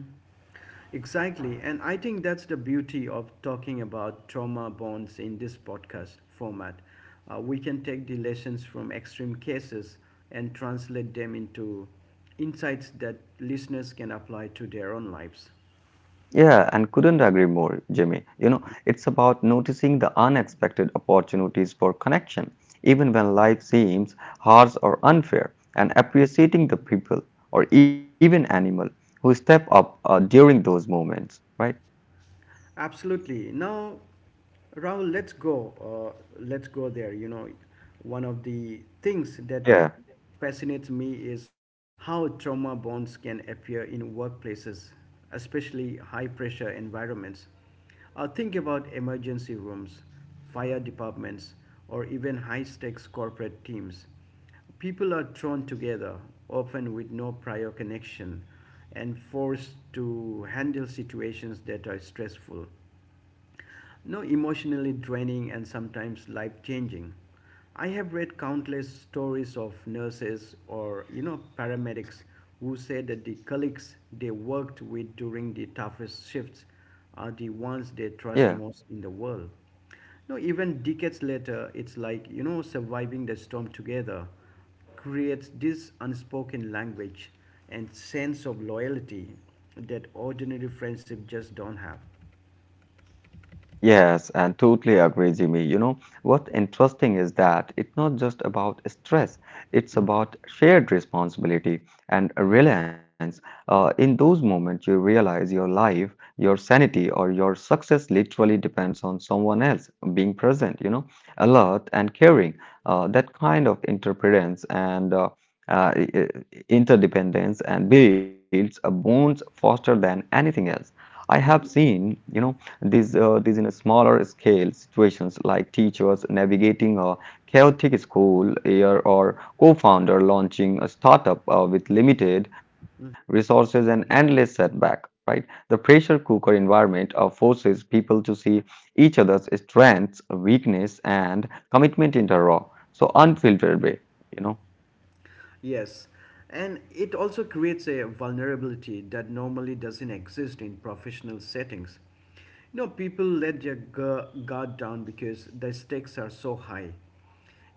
S1: Exactly. And I think that's the beauty of talking about trauma bonds in this podcast format. We can take the lessons from extreme cases and translate them into insights that listeners can apply to their own lives.
S2: Yeah, and couldn't agree more, Jimmy. You know, it's about noticing the unexpected opportunities for connection, even when life seems harsh or unfair, and appreciating the people or even animal who step up during those moments, right?
S1: Absolutely. Now, Rahul, let's go. Let's go there. You know, one of the things that
S2: Yeah,
S1: fascinates me is how trauma bonds can appear in workplaces, especially high pressure environments. Think about emergency rooms, fire departments, or even high stakes corporate teams. People are thrown together, often with no prior connection, and forced to handle situations that are stressful no emotionally draining and sometimes life changing. I have read countless stories of nurses or, you know, paramedics who said that the colleagues they worked with during the toughest shifts are the ones they trust
S2: yeah.
S1: most in the world. No, even decades later, it's like surviving the storm together creates this unspoken language and sense of loyalty that ordinary friendship just don't have.
S2: Yes, and totally agree, Jimmy. You know, what's interesting is that it's not just about stress, it's about shared responsibility and reliance. In those moments, you realize your life, your sanity, or your success literally depends on someone else being present, you know, alert and caring. That kind of interdependence and uh, i- i- interdependence and builds a bonds faster than anything else. I have seen, you know. These in a smaller scale situations like teachers navigating a chaotic school year or co-founder launching a startup with limited resources and endless setback, right? The pressure cooker environment forces people to see each other's strengths, weakness, and commitment in a raw, so unfiltered way, you
S1: Yes, and it also creates a vulnerability that normally doesn't exist in professional settings. You know, people let their guard down because the stakes are so high.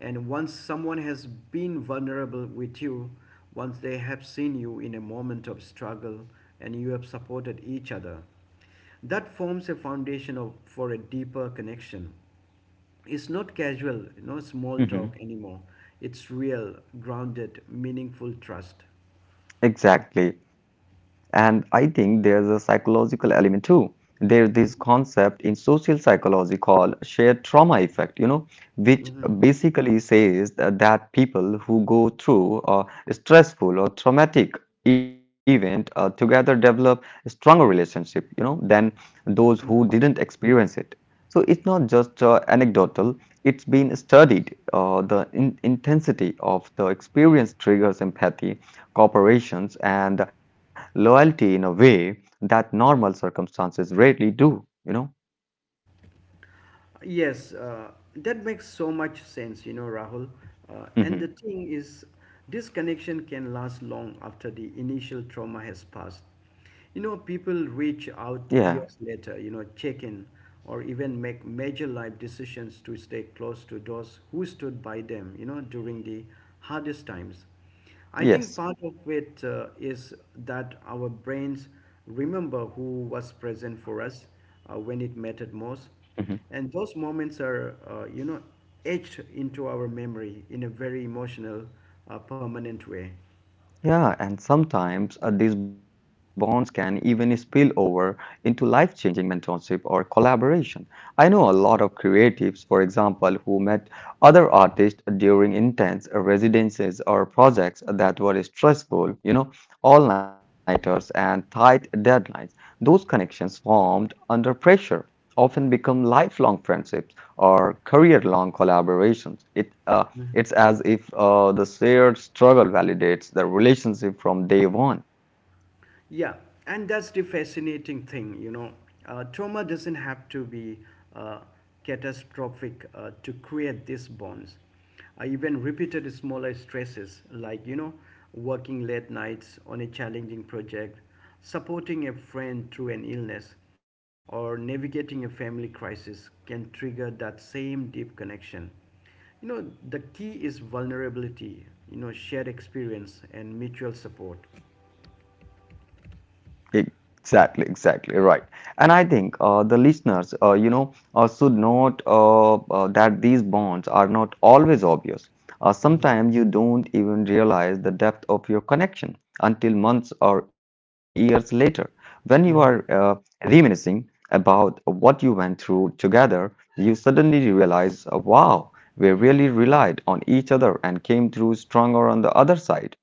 S1: And once someone has been vulnerable with you, once they have seen you in a moment of struggle and you have supported each other, that forms a foundation for a deeper connection. It's not casual, you know, small
S2: know.
S1: talk anymore. It's real, grounded, meaningful trust.
S2: Exactly. And I think there's a psychological element too. There's this concept in social psychology called shared trauma effect, you know, which
S1: Mhm.
S2: basically says that people who go through a stressful or traumatic event together develop stronger relationship, you know, than those who didn't experience it. So it's not just anecdotal, it's been studied. The in intensity of the experience triggers empathy corporations, and loyalty in a way that normal circumstances rarely do, you know?
S1: Yes, that makes so much sense, you know, Rahul. And the
S2: hmm
S1: thing is, this connection can last long after the initial trauma has passed. You know,
S2: Yeah,
S1: people reach out years later, you know, check in or even make major life decisions to stay close to those who stood by them, you know, during the hardest times. I think
S2: yes.
S1: part of it is that our brains remember who was present for us when it mattered
S2: Mm-hmm.
S1: most. And those moments are, you know, etched into our memory in a very emotional, permanent way.
S2: Yeah, and sometimes these bonds can even spill over into life-changing mentorship or collaboration. I know a lot of creatives, for example, who met other artists during intense residences or projects that were stressful, you know, all-nighters and tight deadlines. Those connections formed under pressure often become lifelong friendships or career-long collaborations. It's as if the shared struggle validates the relationship from day one.
S1: Yeah, and that's the fascinating thing, you know. Trauma doesn't have to be uh, catastrophic to create these bonds. Even repeated smaller stresses, like, you know, working late nights on a challenging project, supporting a friend through an illness, or navigating a family crisis, can trigger that same deep connection. You know, the key is vulnerability, you know, shared experience and mutual support.
S2: Exactly, exactly right. And I think the listeners, should note that these bonds are not always obvious. Sometimes you don't even realize the depth of your connection until months or years later, when you are reminiscing about what you went through together. You suddenly realize, wow, we really relied on each other and came through stronger on the other side.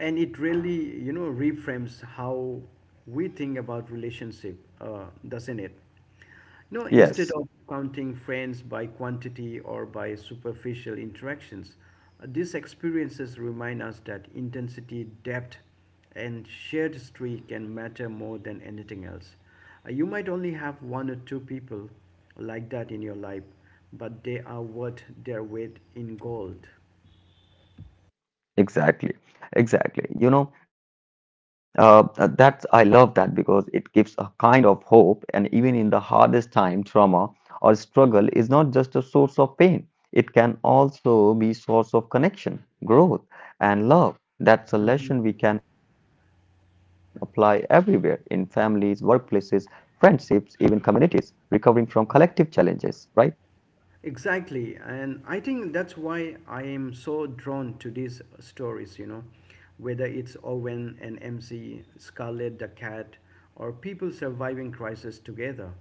S1: And it really, you know, reframes how we think about relationship, doesn't it? You know, instead of
S2: Yes.
S1: counting friends by quantity or by superficial interactions, these experiences remind us that intensity, depth, and shared streak can matter more than anything else. You might only have one or two people like that in your life, but they are worth their weight in gold.
S2: Exactly, exactly. That's I love that because it gives a kind of hope, and even in the hardest time, trauma or struggle is not just a source of pain. It can also be source of connection, growth, and love. That's a lesson we can apply everywhere in families, workplaces, friendships, even communities, recovering from collective challenges, right?
S1: Exactly, and I think that's why I am so drawn to these stories, you know, whether it's Owen and MC, Scarlet the Cat, or people surviving crisis together.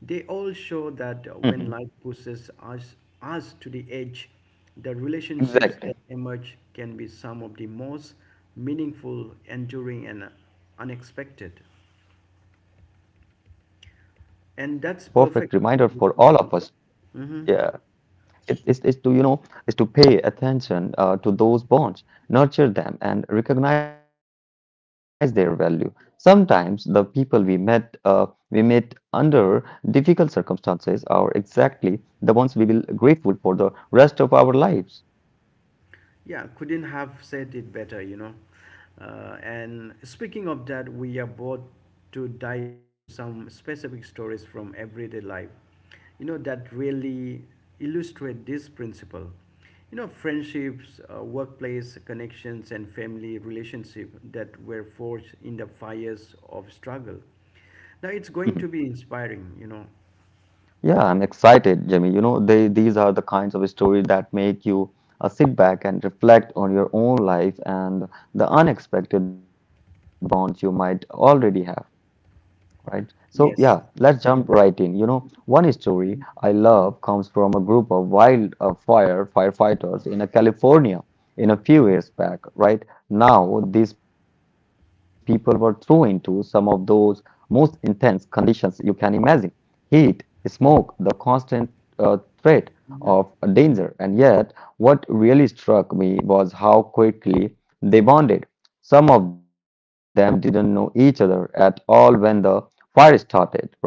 S1: They all show that when
S2: Mhm.
S1: us to the edge, the relationships that emerge can be
S2: Exactly.
S1: some of the most meaningful, enduring, and unexpected.
S2: Yeah, and
S1: And
S2: that's a
S1: that's
S2: perfect
S1: perfect.
S2: reminder for all of us. Yeah. It is to pay attention to those bonds, nurture them, and recognize their value. Sometimes the people we met under difficult circumstances are exactly the ones we will grateful for the rest of our lives.
S1: Yeah, couldn't have said it better, you know. And speaking of that, we are about to dive into some specific stories from everyday life, you know, that really illustrate this principle. You know, friendships, workplace connections, and family relationship that were forged in the fires of struggle.
S2: Mhm.
S1: Now it's going to be inspiring, you know.
S2: Yeah, I'm excited, Jimmy. You know, they these are the kinds of stories that make you sit back and reflect on your own life and the unexpected bonds you might already have. Right. So, yeah,
S1: Yes.
S2: let's jump right in.
S1: That's-
S2: You know, one story I love comes from a group of wildfire firefighters in a California in a few
S1: Mhm,
S2: years back, right? Now, these people were thrown into some of those most intense conditions you can imagine. Heat, smoke, the constant uh, threat of
S1: mhm,
S2: danger. And yet, what really struck me was how quickly they bonded. Some of them didn't know each other at all when the fire started, right?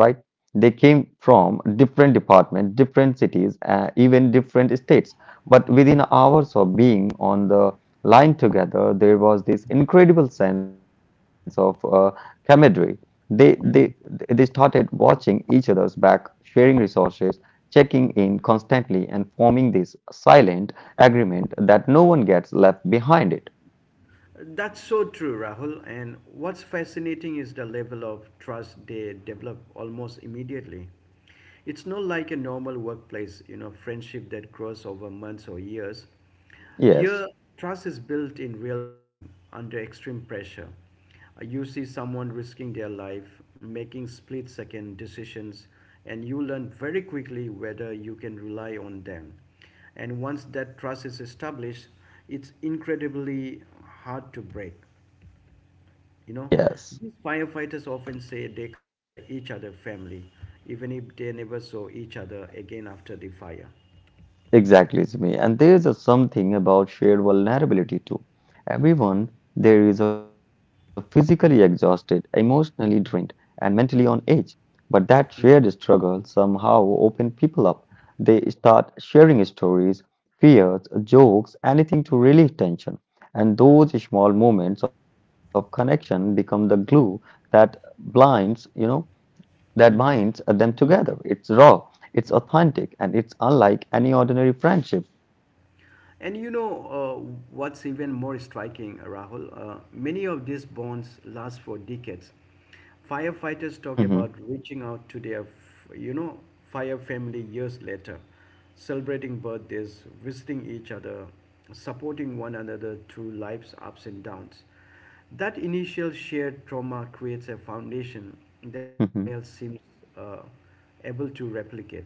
S2: They came from different departments, different cities, even different states. But within
S1: mhm,
S2: hours of being on the line together, there was this incredible sense of camaraderie. They, they, they
S1: mhm.
S2: started watching each other's back, sharing resources, checking in constantly, and forming this silent agreement that no one gets left behind it.
S1: That's so true, Rahul. And what's fascinating is the level of trust they develop almost immediately. It's not like a normal workplace, you know, friendship that grows over months or years. Here,
S2: Yes,
S1: trust is built in real time under extreme pressure. You see someone risking their life, making split second decisions, and you learn very quickly whether you can rely on them. And once that trust is established, it's incredibly hard to break. You know,
S2: yes.
S1: these firefighters often say they consider each other family, even if they never saw each other again after the fire.
S2: Exactly, Zumi. And there is a something about shared vulnerability too. Everyone there is a physically exhausted, emotionally drained, and mentally on edge. But that shared
S1: Mhm.
S2: struggle somehow open people up. They start sharing stories, fears, jokes, anything to relieve tension. And those small moments of connection become the glue that blinds, you know that binds them together. It's raw, it's authentic, and it's unlike any ordinary friendship.
S1: And you know, what's even more striking, Rahul? Many of these bonds last for decades. Firefighters talk
S2: Mhm,
S1: about reaching out to their, you know, fire family years later, celebrating birthdays, visiting each other, supporting one another through life's ups and downs. That initial shared trauma creates a foundation that
S2: mhm.
S1: nothing else seems uh, able to replicate.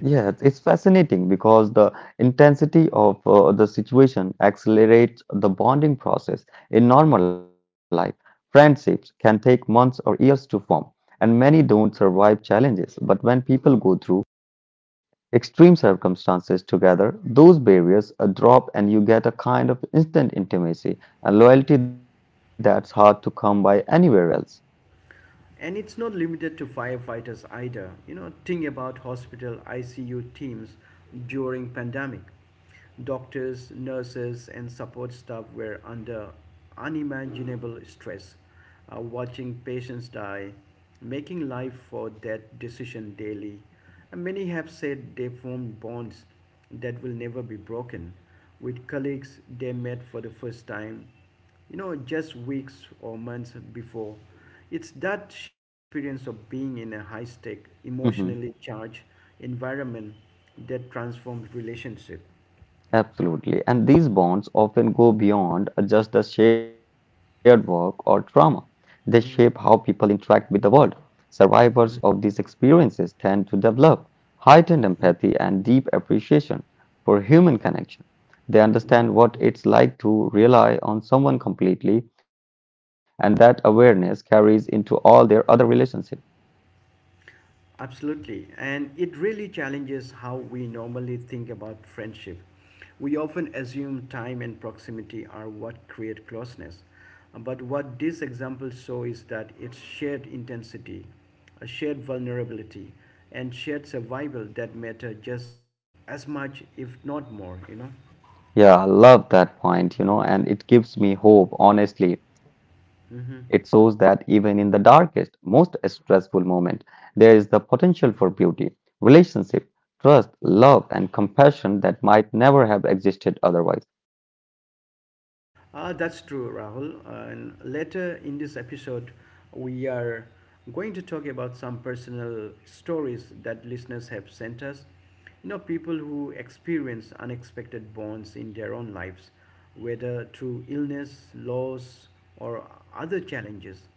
S2: Yes, it's fascinating because the intensity of the situation accelerates the bonding process. In normal life, friendships can take months or years to form, and many don't survive challenges. But when people go through extreme circumstances together, those barriers drop and you get a kind of instant intimacy and loyalty that's hard to come by anywhere else.
S1: And it's not limited to firefighters either, you know. Think about hospital ICU teams during pandemic. Doctors, nurses, and support staff were under unimaginable stress, watching patients die, making life or death decision daily, and many have said they formed bonds that will never be broken with colleagues they met for the first time, you know, just weeks or months before. It's that shared experience of being in a high stake,
S2: Mhm.
S1: emotionally charged environment that transforms relationship.
S2: Absolutely. And these bonds often go beyond just the shared work or trauma. They shape how people
S1: Mhm,
S2: interact with the world. Survivors of these experiences tend to develop heightened
S1: mhm,
S2: empathy and deep appreciation for human connection. They
S1: mhm.
S2: understand what it's like to rely on someone completely, and that awareness carries into all their other relationships.
S1: Absolutely. And it really challenges how we normally think about friendship. We often assume time and proximity are what create closeness. But what this example shows is that it's shared intensity, a shared vulnerability, and shared survival that matter just as much, if not more, you know?
S2: Yeah, I love that point, you know, and it gives me hope, honestly. It shows that even in the darkest, most stressful moment, there is the potential for beauty, relationship, trust, love, and compassion that might never have existed otherwise.
S1: Ah, that's true, Rahul. And later in this episode, we are going to talk about some personal stories that listeners have sent us. You know, people who experience unexpected bonds in their own lives, whether through illness, loss, or other challenges.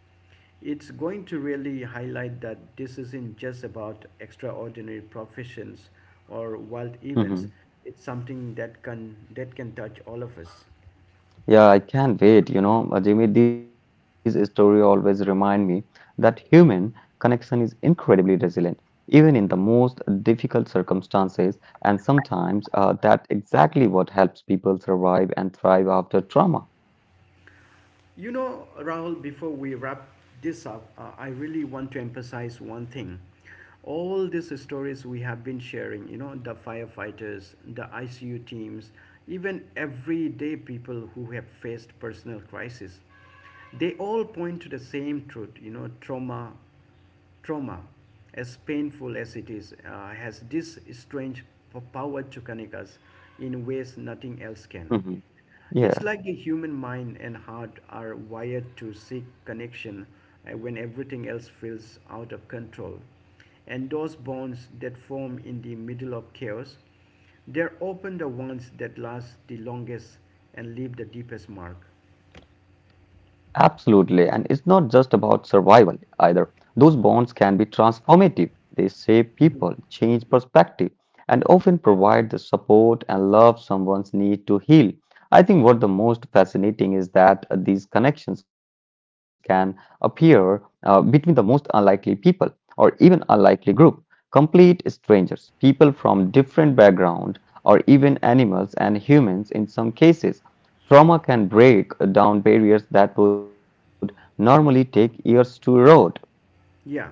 S1: It's going to really highlight that this isn't just about extraordinary professions or wild events.
S2: Mhm.
S1: It's something that can touch all of us.
S2: Yeah, I can't wait. You know, Jimmy, this story always remind me that human connection is incredibly resilient, even in the most difficult circumstances. And sometimes that's exactly what helps people survive and thrive after trauma.
S1: You know, Rahul, before we wrap this up, I really want to emphasize one thing. All these stories we have been sharing, you know, the firefighters, the ICU teams, even everyday people who have faced personal crisis, they all point to the same truth, you know, trauma, as painful as it is, has this strange power to connect us in ways nothing else can.
S2: Mhm.
S1: It's like the
S2: Yeah.
S1: human mind and heart are wired to seek connection when everything else feels out of control. And those bonds that form in the middle of chaos, they're often the ones that last the longest and leave the deepest mark.
S2: Absolutely. And it's not just about survival either. Those bonds can be transformative. They shape people, change perspective, and often provide the support and love someone's need to heal. I think what the most fascinating is that these connections can appear between the most unlikely people or even unlikely group, complete strangers, people from different background or even animals and humans in some cases. Trauma can break down barriers that would normally take years to erode.
S1: Yeah,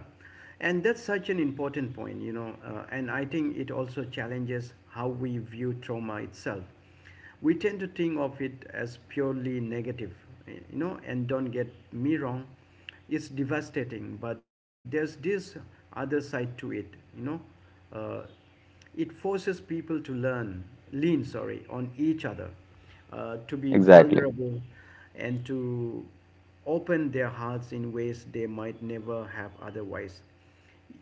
S1: and that's such an important point, you know, and I think it also challenges how we view trauma itself. We tend to think of it as purely negative, eh, you know, and don't get me wrong, it's devastating, but there's this other side to it, you know. Uh, it forces people to lean, sorry, on each other, to be
S2: Exactly.
S1: vulnerable, and to open their hearts in ways they might never have otherwise.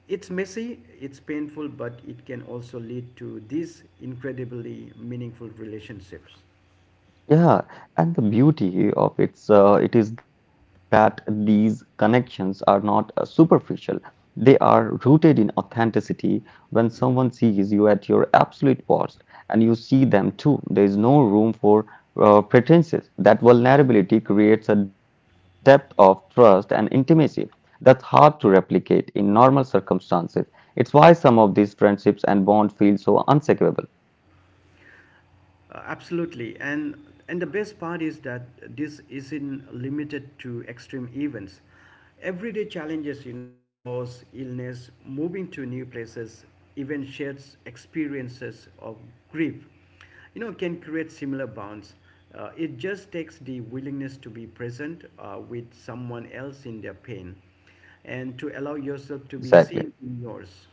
S1: It's messy, it's painful, but it can also lead to these incredibly meaningful relationships.
S2: Yeah, and the beauty of it is that these connections are not superficial. They are rooted in authenticity. When someone sees you at your absolute worst and you see them too, there is no room for pretenses. That vulnerability creates a depth of trust and intimacy that's hard to replicate in normal circumstances. It's why some of these friendships and bonds feel so unshakable.
S1: Absolutely. And the best part is that this isn't limited to extreme events. Everyday challenges, you know, loss, illness, moving to new places, even shared experiences of grief, you know, can create similar bonds. It just takes the willingness to be present with someone else in their pain and to allow yourself to be
S2: Exactly.
S1: seen in yours.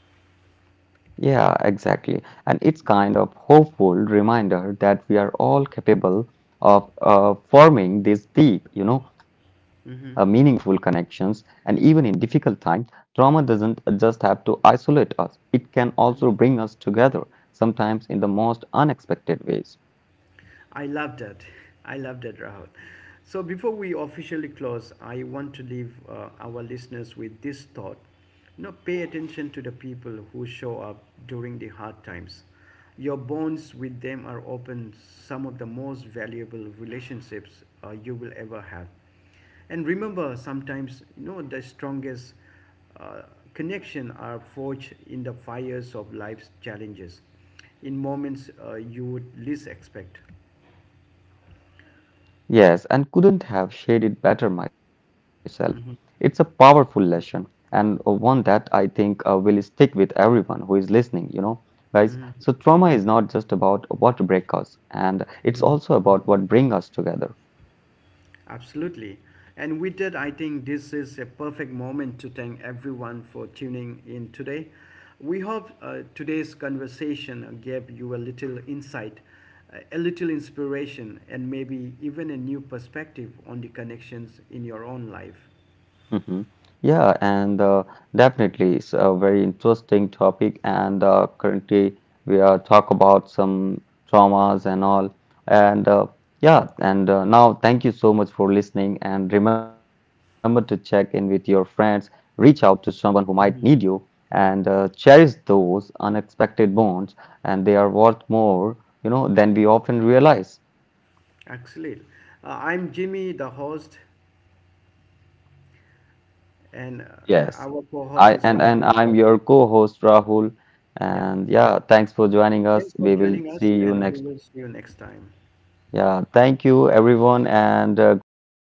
S2: Yeah, exactly. And it's kind of hopeful reminder that we are all capable of forming these deep, you know, meaningful
S1: Mm-hmm.
S2: connections. And even in difficult times, trauma doesn't just have to isolate us. It can also bring us together, sometimes in the most unexpected ways.
S1: I loved it. I loved it, Rahul. So before we officially close, I want to leave our listeners with this thought. You know, pay attention to the people who show up during the hard times. Your bonds with them are often some of the most valuable relationships you will ever have. And remember, sometimes, you know, the strongest uh, connection are forged in the fires of life's challenges, in moments you would least expect.
S2: Yes, and couldn't have shared it better myself.
S1: Mhm,
S2: It's a powerful lesson and one that I think will stick with everyone who is listening, you know,
S1: mhm,
S2: guys. So trauma is not just about what break us, and
S1: mhm.
S2: it's also about what bring us together.
S1: Absolutely. And with that, I think this is a perfect moment to thank everyone for tuning in today. We hope today's conversation gave you a little insight, a little inspiration, and maybe even a new perspective on the connections in your own life.
S2: hmm Yeah, and definitely it's a very interesting topic. And currently we are talk about some traumas and all. And yeah, and now thank you so much for listening. And remember to check in with your friends, reach out to someone who might need you, and cherish those unexpected bonds. And they are worth more, you know, than we often realize.
S1: Excellent. I'm Jimmy, the host, and
S2: Yes.
S1: our co host
S2: I
S1: is
S2: and
S1: Rahul.
S2: I'm your co-host Rahul.
S1: Yeah.
S2: And yeah, thanks for joining us.
S1: Thanks for
S2: We will
S1: joining us,
S2: see you
S1: and we
S2: next.
S1: will see you next time.
S2: Yeah, thank you everyone and great time.